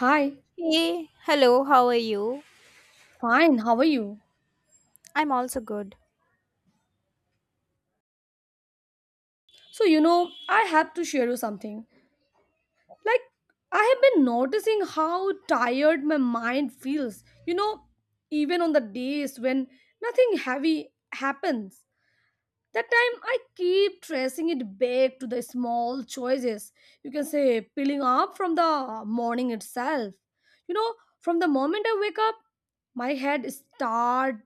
Hi, Hey, hello, how are you? fine, how are you? I'm also good. So, you know, I have to share you something. Like, I have been noticing how tired my mind feels, you know, even on the days when nothing heavy happens. That time I keep tracing it back to the small choices, you can say, peeling up from the morning itself. You know, from the moment I wake up, my head start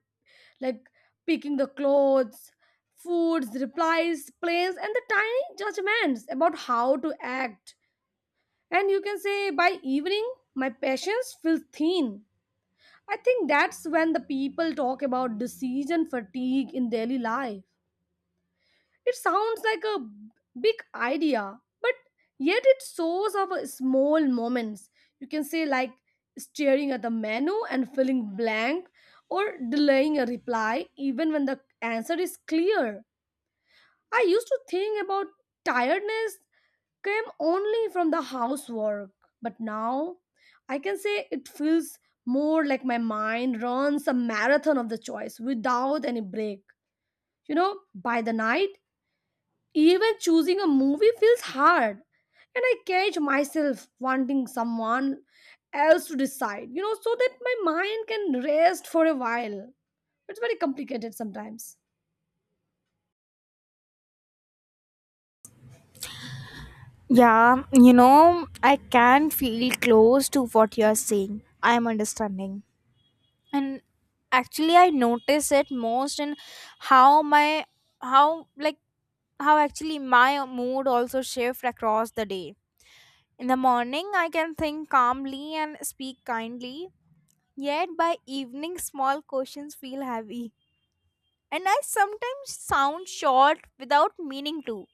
like picking the clothes, foods, replies, plans, and the tiny judgments about how to act. And you can say by evening, my patience feels thin. I think that's when the people talk about decision fatigue in daily life. It sounds like a big idea, but yet it shows our small moments. You can say, like staring at the menu and feeling blank, or delaying a reply even when the answer is clear. I used to think about tiredness came only from the housework, but now I can say it feels more like my mind runs a marathon of the choice without any break. You know, by the night, even choosing a movie feels hard, and I catch myself wanting someone else to decide, you know, so that my mind can rest for a while. It's very complicated sometimes. Yeah, you know, I can feel close to what you're saying. I'm understanding. And actually I notice it most in how my how like how actually my mood also shift across the day. In the morning I can think calmly and speak kindly, yet by evening small questions feel heavy. And I sometimes sound short without meaning to.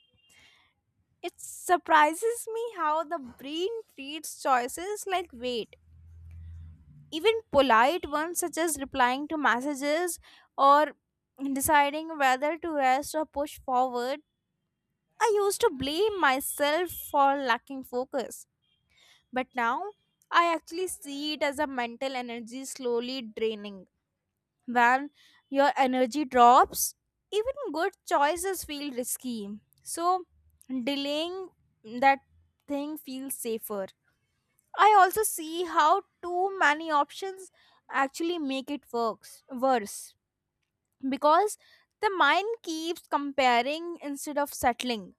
It surprises me how the brain treats choices like weight. Even polite ones, such as replying to messages or deciding whether to rest or push forward. I used to blame myself for lacking focus, but now I actually see it as a mental energy slowly draining. When your energy drops, even good choices feel risky. So, delaying that thing feels safer. I also see how too many options actually make it works worse because the mind keeps comparing instead of settling.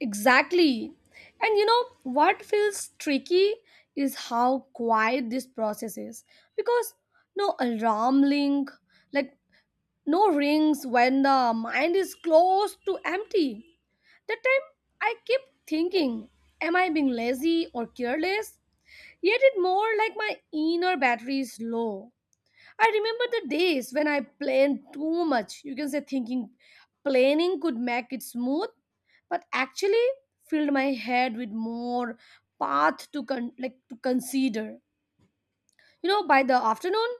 Exactly. And you know, what feels tricky is how quiet this process is because no alarm link, like no rings when the mind is close to empty. That time I kept thinking, am I being lazy or careless? Yet it more like my inner battery is low. I remember the days when I planned too much. You can say thinking planning could make it smooth, but actually filled my head with more path like to consider. You know, by the afternoon,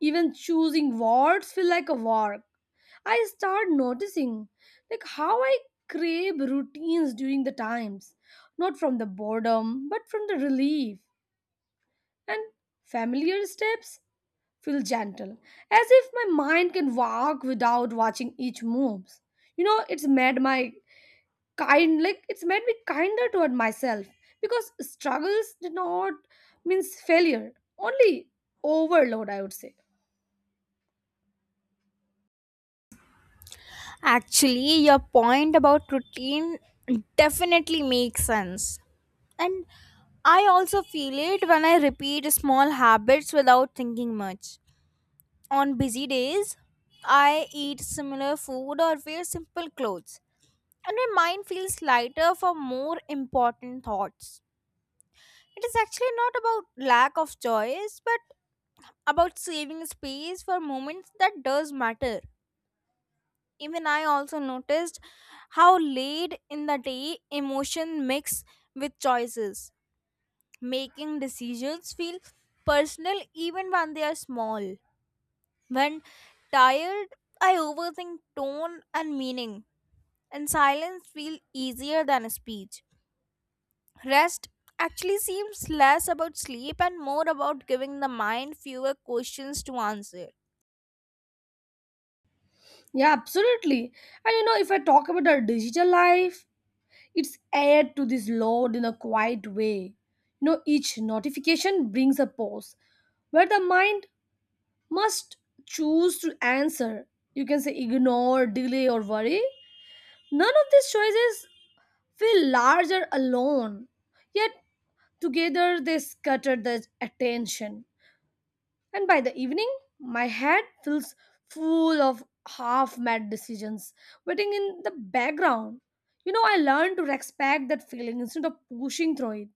even choosing words feel like a work. I start noticing like how I crave routines during the times, not from the boredom, but from the relief. And familiar steps feel gentle, as if my mind can walk without watching each moves. You know, it's made me kinder toward myself because struggles did not means failure, only overload, I would say. Actually, your point about routine definitely makes sense. And I also feel it when I repeat small habits without thinking much. On busy days, I eat similar food or wear simple clothes, and my mind feels lighter for more important thoughts. It is actually not about lack of choice, but about saving space for moments that does matter. Even I also noticed how late in the day emotion mix with choices, making decisions feel personal even when they are small. When tired, I overthink tone and meaning, and silence feel easier than a speech. Rest actually seems less about sleep and more about giving the mind fewer questions to answer. Yeah, absolutely. And you know, if I talk about our digital life, it's added to this load in a quiet way. You know, each notification brings a pause where the mind must choose to answer. You can say ignore, delay, or worry. None of these choices feel larger alone, yet together they scatter the attention. And by the evening, my head feels full of half mad decisions waiting in the background. You know, I learned to respect that feeling instead of pushing through it.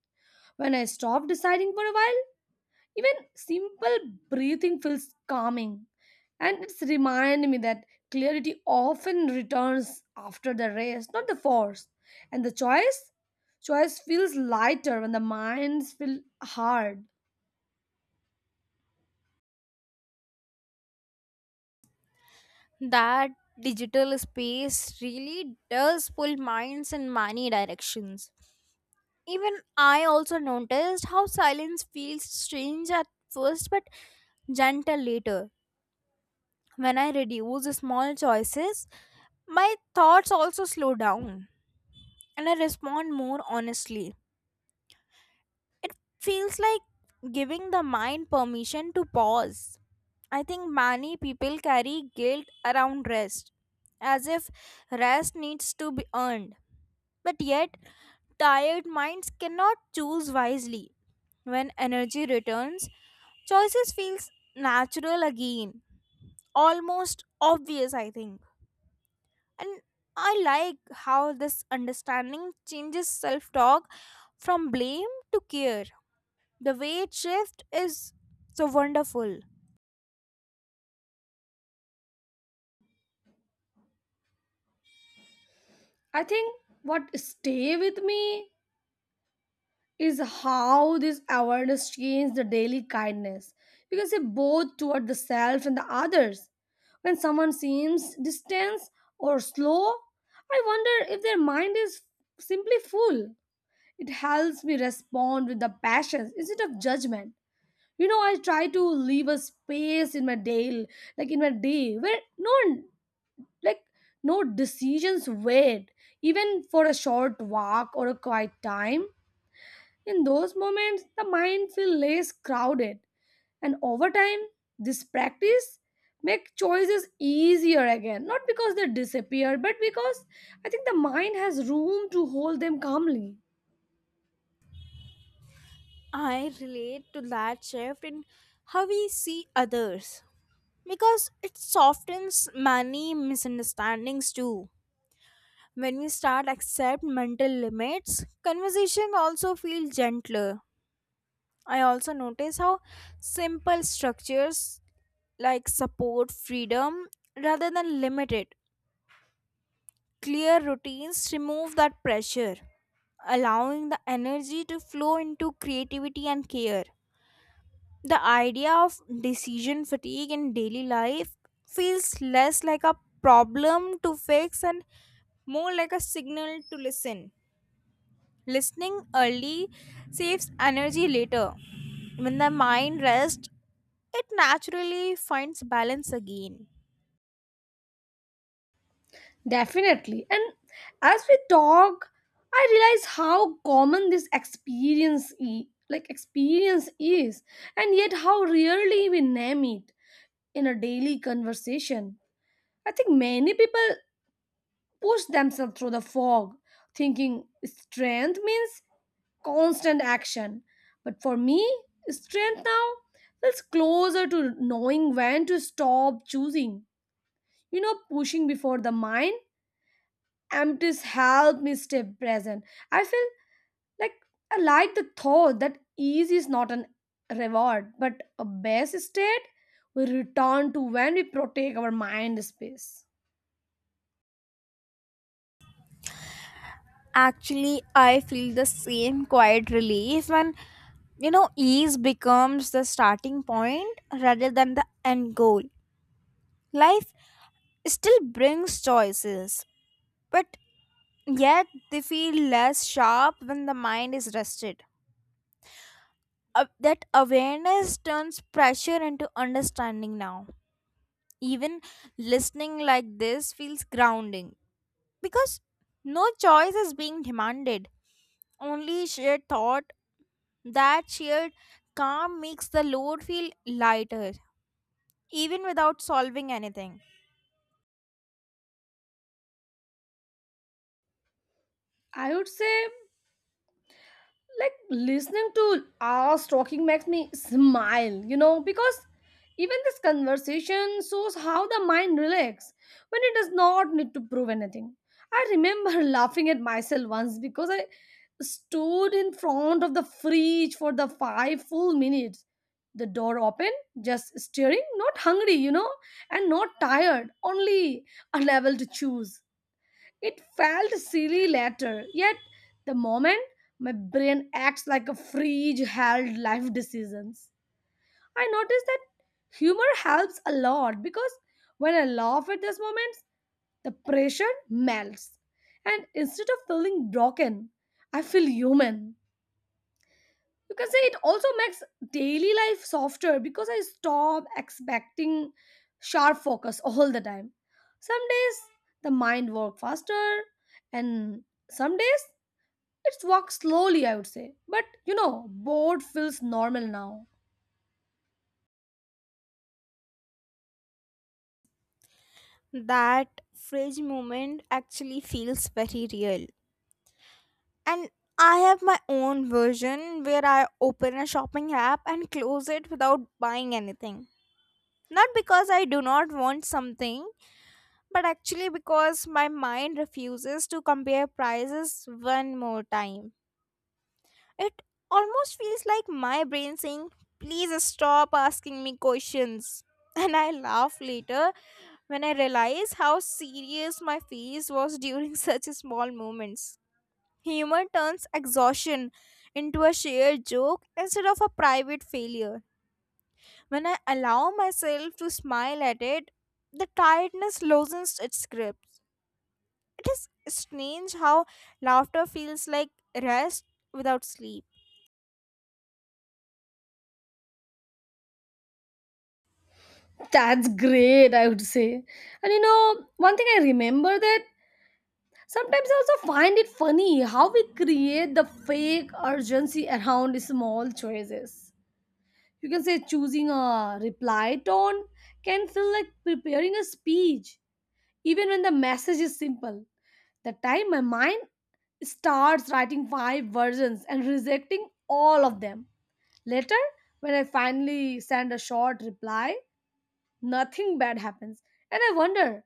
When I stop deciding for a while, even simple breathing feels calming. And it's reminded me that clarity often returns after the race, not the force. And the choice? Choice feels lighter when the minds feel hard. That digital space really does pull minds in many directions. Even I also noticed how silence feels strange at first but gentle later. When I reduce small choices, my thoughts also slow down and I respond more honestly. It feels like giving the mind permission to pause. I think many people carry guilt around rest, as if rest needs to be earned. But yet, tired minds cannot choose wisely. When energy returns, choices feels natural again, almost obvious, I think. And I like how this understanding changes self-talk from blame to care. The weight shift is so wonderful. I think what stay with me is how this awareness changed the daily kindness because it both toward the self and the others. When someone seems distant or slow, I wonder if their mind is simply full. It helps me respond with the passion instead of judgment. You know, I try to leave a space in my day, like in my day, where like no decisions wait, even for a short walk or a quiet time in those moments, the mind feels less crowded, and over time, this practice make choices easier again. Not because they disappear, but because I think the mind has room to hold them calmly. I relate to that shift in how we see others because it softens many misunderstandings too. When we start accept mental limits, conversation also feel gentler. I also notice how simple structures like support freedom rather than limited. Clear routines remove that pressure, allowing the energy to flow into creativity and care. The idea of decision fatigue in daily life feels less like a problem to fix and more like a signal to listen. Listening early saves energy later. When the mind rests, it naturally finds balance again. Definitely. And as we talk, I realize how common this like experience is, and yet how rarely we name it in a daily conversation. I think many people push themselves through the fog, thinking strength means constant action. But for me, strength now feels closer to knowing when to stop choosing. You know, pushing before the mind, empties help me stay present. I feel like I like the thought that ease is not an reward, but a best state we return to when we protect our mind space. Actually, I feel the same quiet relief when you know ease becomes the starting point rather than the end goal. Life still brings choices, but yet they feel less sharp when the mind is rested. That awareness turns pressure into understanding now. Even listening like this feels grounding because no choice is being demanded, only shared thought. That shared calm makes the load feel lighter, even without solving anything. I would say like listening to us talking makes me smile, you know, because even this conversation shows how the mind relaxes when it does not need to prove anything. I remember laughing at myself once because I stood in front of the fridge for the 5 full minutes, the door open, just staring, not hungry, you know, and not tired, only unable to choose. It felt silly later, yet the moment my brain acts like a fridge held life decisions. I noticed that humor helps a lot because when I laugh at these moments, the pressure melts. And instead of feeling broken, I feel human. You can say it also makes daily life softer because I stop expecting sharp focus all the time. Some days the mind works faster, and some days it works slowly, I would say, but you know, bored feels normal now. That fridge moment actually feels very real. And I have my own version where I open a shopping app and close it without buying anything. Not because I do not want something, but actually because my mind refuses to compare prices one more time. It almost feels like my brain saying, "Please stop asking me questions." And I laugh later when I realize how serious my face was during such small moments. Humor turns exhaustion into a shared joke instead of a private failure. When I allow myself to smile at it, the tiredness loosens its grip. It is strange how laughter feels like rest without sleep. That's great, I would say. And you know, one thing I remember that sometimes I also find it funny how we create the fake urgency around small choices. You can say choosing a reply tone can feel like preparing a speech even when the message is simple. The time my mind starts writing five versions and rejecting all of them. Later when I finally send a short reply, nothing bad happens, and I wonder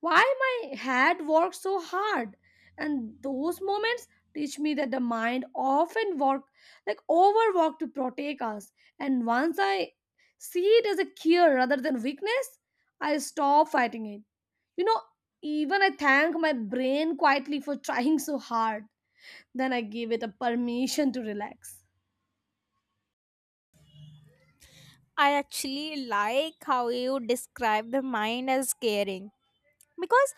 why my head works so hard. And those moments teach me that the mind often work like overwork to protect us. And once I see it as a cure rather than weakness, I stop fighting it. You know, even I thank my brain quietly for trying so hard, then I give it a permission to relax. I actually like how you describe the mind as caring because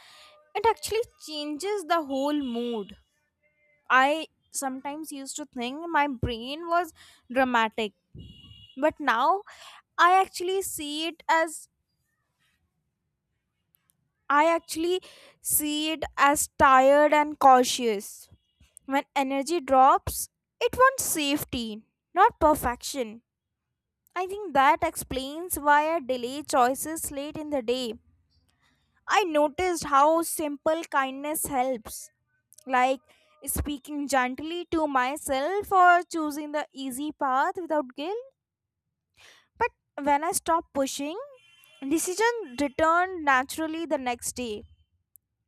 it actually changes the whole mood. I sometimes used to think my brain was dramatic, but now I actually see it as I actually see it as tired and cautious. When energy drops, it wants safety, not perfection. I think that explains why I delay choices late in the day. I noticed how simple kindness helps, like speaking gently to myself or choosing the easy path without guilt. But when I stopped pushing, decision returned naturally the next day.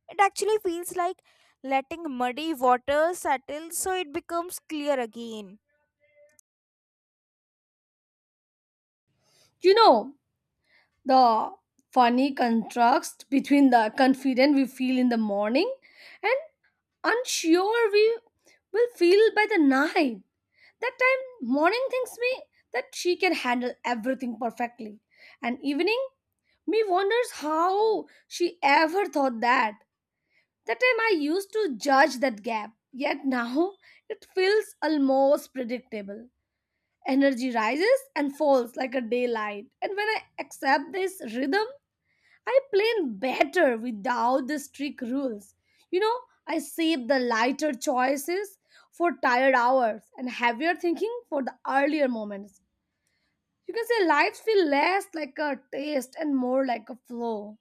It actually feels like letting muddy water settle so it becomes clear again. You know, the funny contrast between the confident we feel in the morning and unsure we will feel by the night. That time, morning thinks me that she can handle everything perfectly, and evening, me wonders how she ever thought that. That time, I used to judge that gap, yet now it feels almost predictable. Energy rises and falls like a daylight, and when I accept this rhythm, I plan better without the strict rules. You know, I save the lighter choices for tired hours and heavier thinking for the earlier moments. You can say lives feel less like a taste and more like a flow.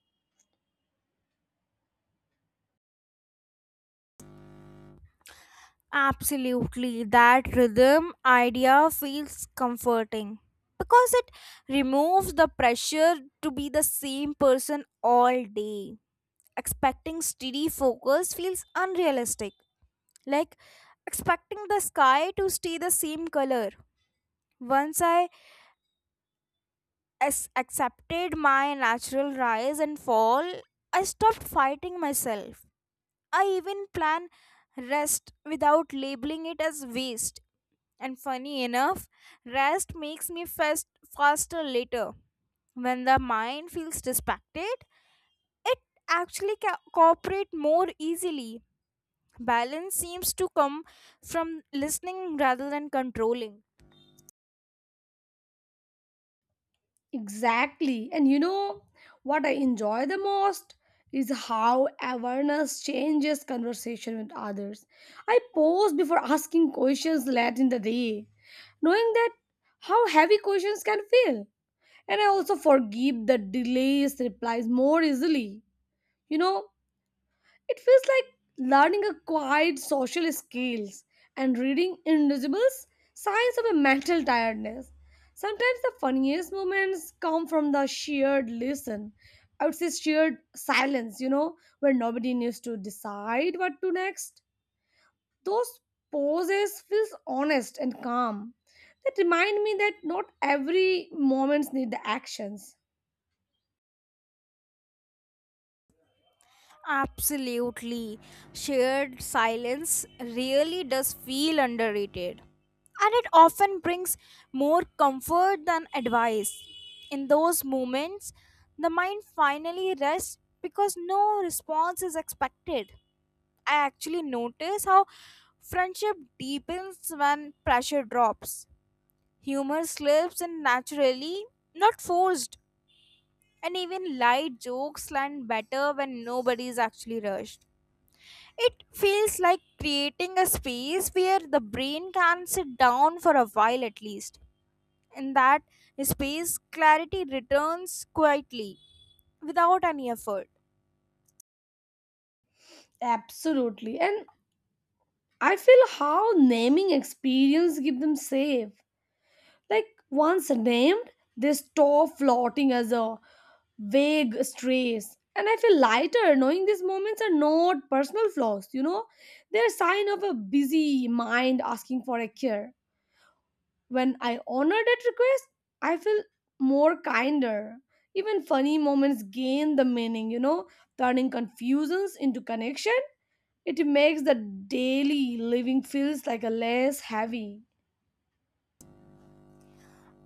Absolutely, that rhythm idea feels comforting because it removes the pressure to be the same person all day. Expecting steady focus feels unrealistic, like expecting the sky to stay the same color. Once accepted my natural rise and fall, I stopped fighting myself. I even plan rest without labeling it as waste. And funny enough, rest makes me faster later. When the mind feels distracted, it actually cooperate more easily. Balance seems to come from listening rather than controlling. Exactly. And you know what I enjoy the most is how awareness changes conversation with others. I pause before asking questions late in the day, knowing that how heavy questions can feel. And I also forgive the delays replies more easily. You know, it feels like learning a quiet social skills and reading invisible signs of a mental tiredness. Sometimes the funniest moments come from the shared listen. I would say shared silence, you know, where nobody needs to decide what to next. Those pauses feels honest and calm. That remind me that not every moments need the actions. Absolutely. Shared silence really does feel underrated. And it often brings more comfort than advice. In those moments, the mind finally rests because no response is expected. I actually notice how friendship deepens when pressure drops. Humor slips in naturally, not forced. And even light jokes land better when nobody is actually rushed. It feels like creating a space where the brain can sit down for a while at least. In that space, clarity returns quietly, without any effort. Absolutely. And I feel how naming experience give them safe. Like once named, they stop floating as a vague strays. And I feel lighter knowing these moments are not personal flaws, you know? They're a sign of a busy mind asking for a cure. When I honor that request, I feel more kinder. Even funny moments gain the meaning, you know, turning confusions into connection. It makes the daily living feels like a less heavy.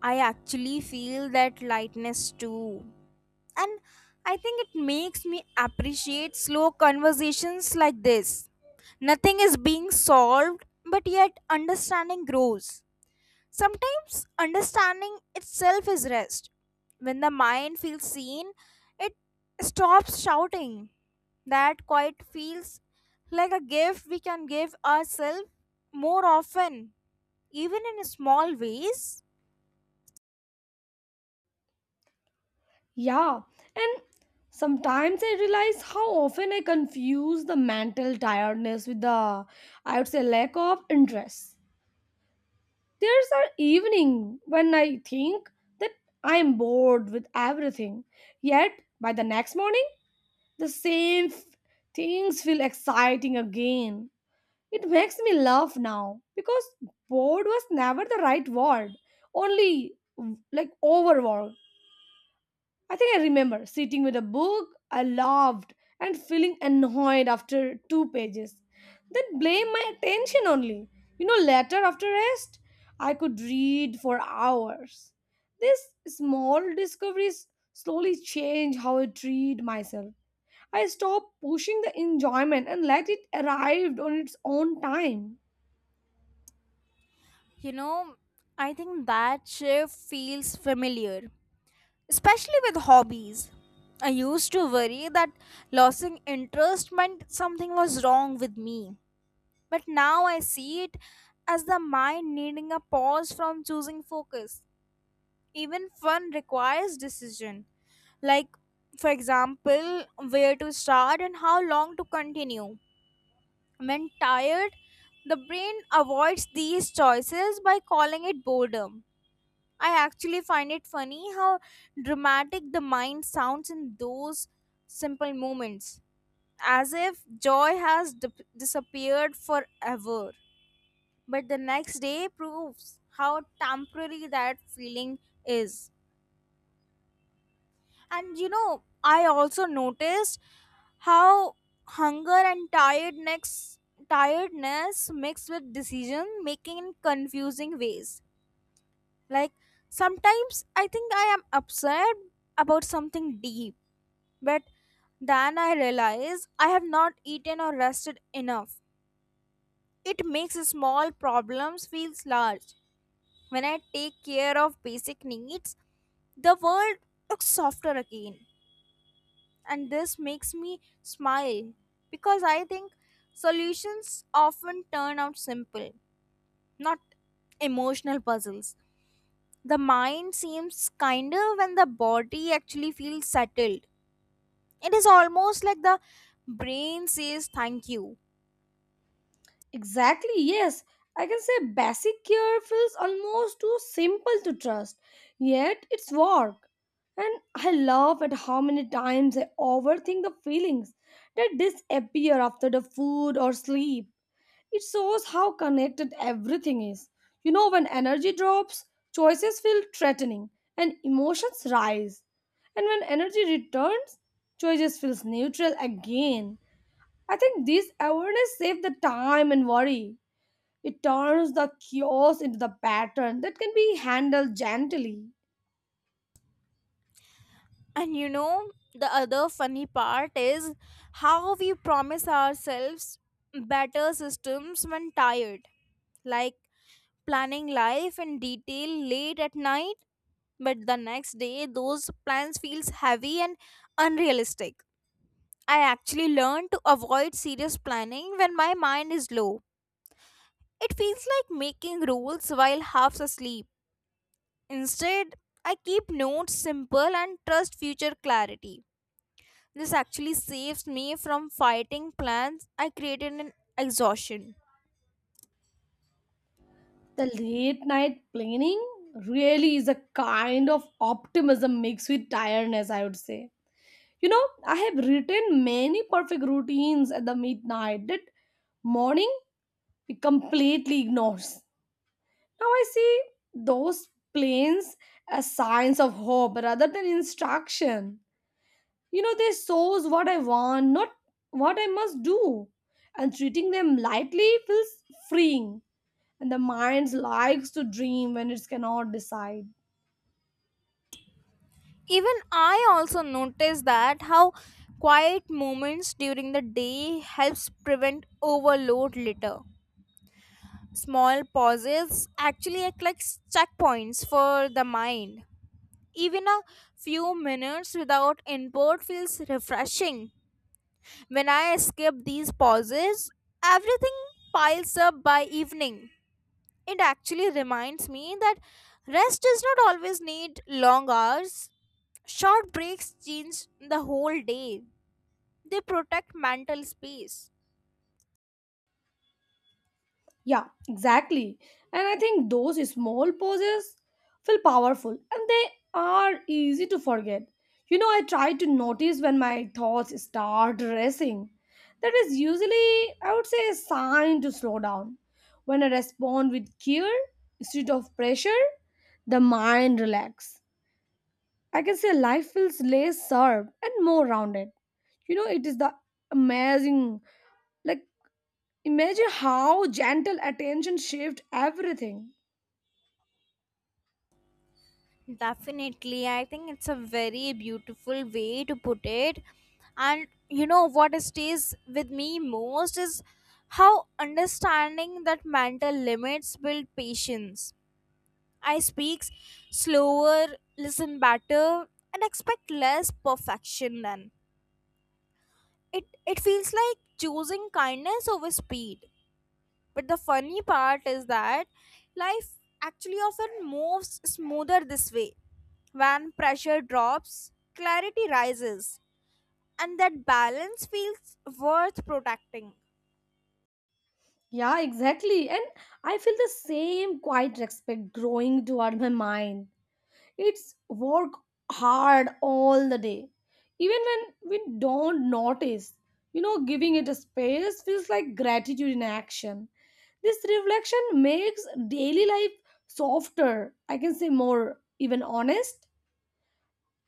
I actually feel that lightness too. And I think it makes me appreciate slow conversations like this. Nothing is being solved, but yet understanding grows. Sometimes understanding itself is rest. When the mind feels seen, it stops shouting. That quiet feels like a gift we can give ourselves more often, even in small ways. Yeah, and sometimes I realize how often I confuse the mental tiredness with the I would say lack of interest. There's an evening when I think that I am bored with everything, yet by the next morning the same things feel exciting again. It makes me laugh now because bored was never the right word, only like overworked. I think I remember sitting with a book I loved and feeling annoyed after 2 pages. Then blame my attention only. You know, later after rest, I could read for hours. These small discoveries slowly change how I treat myself. I stopped pushing the enjoyment and let it arrive on its own time. You know, I think that shift feels familiar, especially with hobbies. I used to worry that losing interest meant something was wrong with me. But now I see it as the mind needing a pause from choosing focus. Even fun requires decision. Like, for example, where to start and how long to continue. When tired, the brain avoids these choices by calling it boredom. I actually find it funny how dramatic the mind sounds in those simple moments, as if joy has disappeared forever. But the next day proves how temporary that feeling is. And you know, I also noticed how hunger and tiredness mixed with decision making in confusing ways. Like sometimes I think I am upset about something deep, but then I realize I have not eaten or rested enough. It makes small problems feels large. When I take care of basic needs, the world looks softer again. And this makes me smile because I think solutions often turn out simple, not emotional puzzles. The mind seems kinder when the body actually feels settled. It is almost like the brain says thank you. Exactly, yes. I can say basic care feels almost too simple to trust, yet it's work. And I love at how many times I overthink the feelings that disappear after the food or sleep. It shows how connected everything is. You know, when energy drops, choices feel threatening and emotions rise. And when energy returns, choices feels neutral again. I think this awareness saves the time and worry. It turns the chaos into the pattern that can be handled gently. And you know, the other funny part is how we promise ourselves better systems when tired, like planning life in detail late at night, but the next day those plans feels heavy and unrealistic. I actually learned to avoid serious planning when my mind is low. It feels like making rules while half asleep. Instead, I keep notes simple and trust future clarity. This actually saves me from fighting plans I created in exhaustion. The late night planning really is a kind of optimism mixed with tiredness, I would say. You know, I have written many perfect routines at the midnight that morning we completely ignores. Now I see those planes as signs of hope rather than instruction. You know, they shows what I want, not what I must do. And treating them lightly feels freeing. And the mind likes to dream when it cannot decide. Even I also noticed that how quiet moments during the day helps prevent overload later. Small pauses actually act like checkpoints for the mind. Even a few minutes without input feels refreshing. When I skip these pauses, everything piles up by evening. It actually reminds me that rest does not always need long hours. Short breaks change the whole day, they protect mental space. Yeah, exactly. And I think those small pauses feel powerful and they are easy to forget. You know, I try to notice when my thoughts start racing. That is usually, I would say, a sign to slow down. When I respond with care instead of pressure, the mind relax. I can say life feels less sharp and more rounded. You know, it is the amazing like imagine how gentle attention shaped everything. Definitely, I think it's a very beautiful way to put it. And you know what stays with me most is how understanding that mental limits build patience. I speak slower, listen better, and expect less perfection then. It feels like choosing kindness over speed. But the funny part is that life actually often moves smoother this way. When pressure drops, clarity rises, and that balance feels worth protecting. Yeah, exactly. And I feel the same quiet respect growing toward my mind. It's work hard all the day. Even when we don't notice, you know, giving it a space feels like gratitude in action. This reflection makes daily life softer, I can say more, even honest.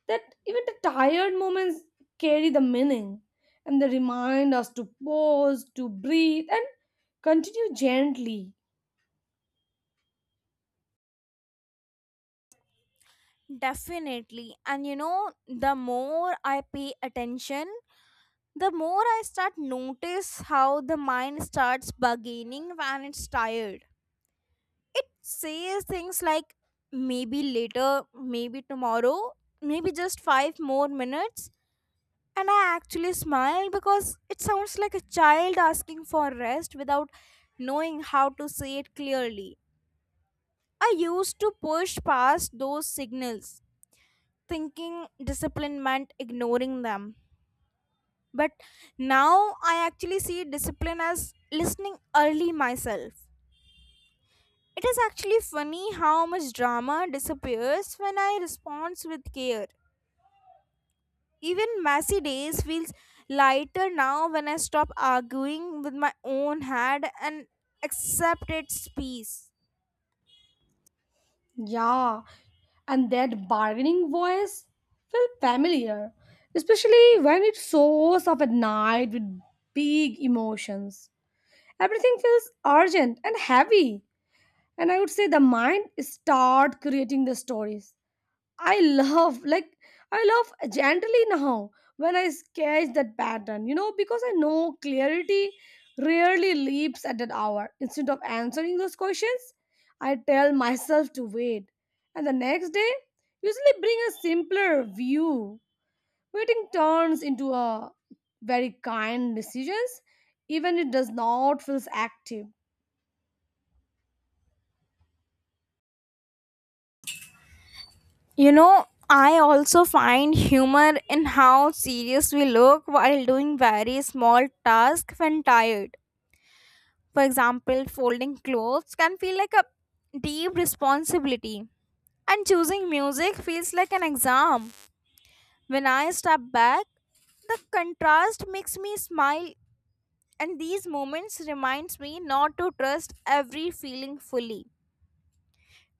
That even the tired moments carry the meaning and they remind us to pause, to breathe, and continue gently. Definitely. And you know, the more I pay attention, the more I start notice how the mind starts bargaining when it's tired. It says things like maybe later, maybe tomorrow, maybe just five more minutes. And I actually smile because it sounds like a child asking for rest without knowing how to say it clearly. I used to push past those signals, thinking discipline meant ignoring them. But now I actually see discipline as listening early myself. It is actually funny how much drama disappears when I respond with care. Even messy days feels lighter now when I stop arguing with my own head and accept its peace. Yeah, and that bargaining voice felt familiar, especially when it soars up at night with big emotions. Everything feels urgent and heavy, and I would say the mind start creating the stories I love like I love generally now when I sketch that pattern, you know, because I know clarity rarely leaps at that hour. Instead of answering those questions, I tell myself to wait. And the next day usually bring a simpler view. Waiting turns into a very kind decisions, even it does not feels active. You know, I also find humor in how serious we look while doing very small tasks when tired. For example, folding clothes can feel like a deep responsibility, and choosing music feels like an exam. When I step back, the contrast makes me smile and these moments reminds me not to trust every feeling fully.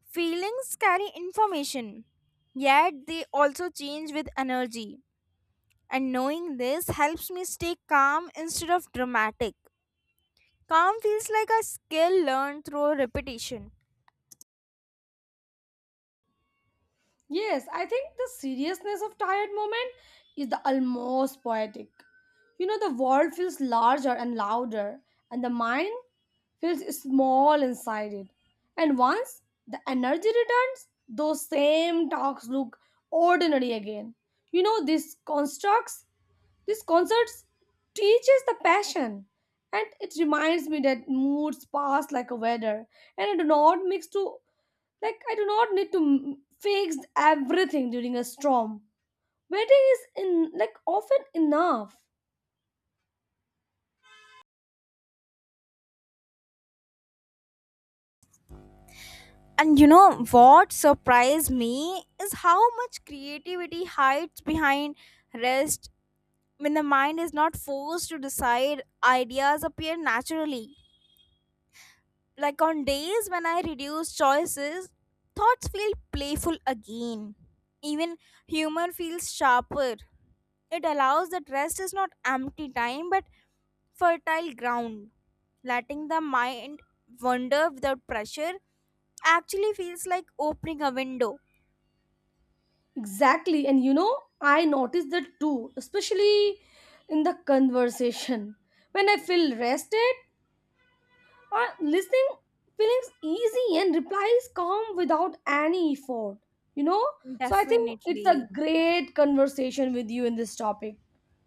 Feelings carry information, yet they also change with energy. And knowing this helps me stay calm instead of dramatic. Calm feels like a skill learned through repetition. Yes, I think the seriousness of tired moment is the almost poetic. You know, the world feels larger and louder, and the mind feels small inside it. And once the energy returns, those same talks look ordinary again. You know, these constructs, these concerts teaches the passion. And it reminds me that moods pass like a weather and I do not need to fix everything during a storm. Waiting is in like often enough. And you know what surprised me is how much creativity hides behind rest when the mind is not forced to decide, ideas appear naturally. Like on days when I reduce choices, thoughts feel playful again. Even humor feels sharper. It allows that rest is not empty time but fertile ground. Letting the mind wander without pressure actually feels like opening a window. Exactly, and you know, I noticed that too, especially in the conversation. When I feel rested, I listening feelings easy and replies come without any effort. You know, so I think it's a Definitely. great conversation with you in this topic.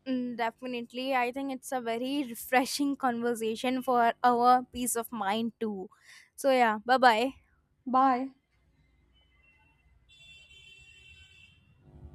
Mm, definitely. I think it's a very refreshing conversation for our peace of mind, too. So, yeah, bye bye. Bye.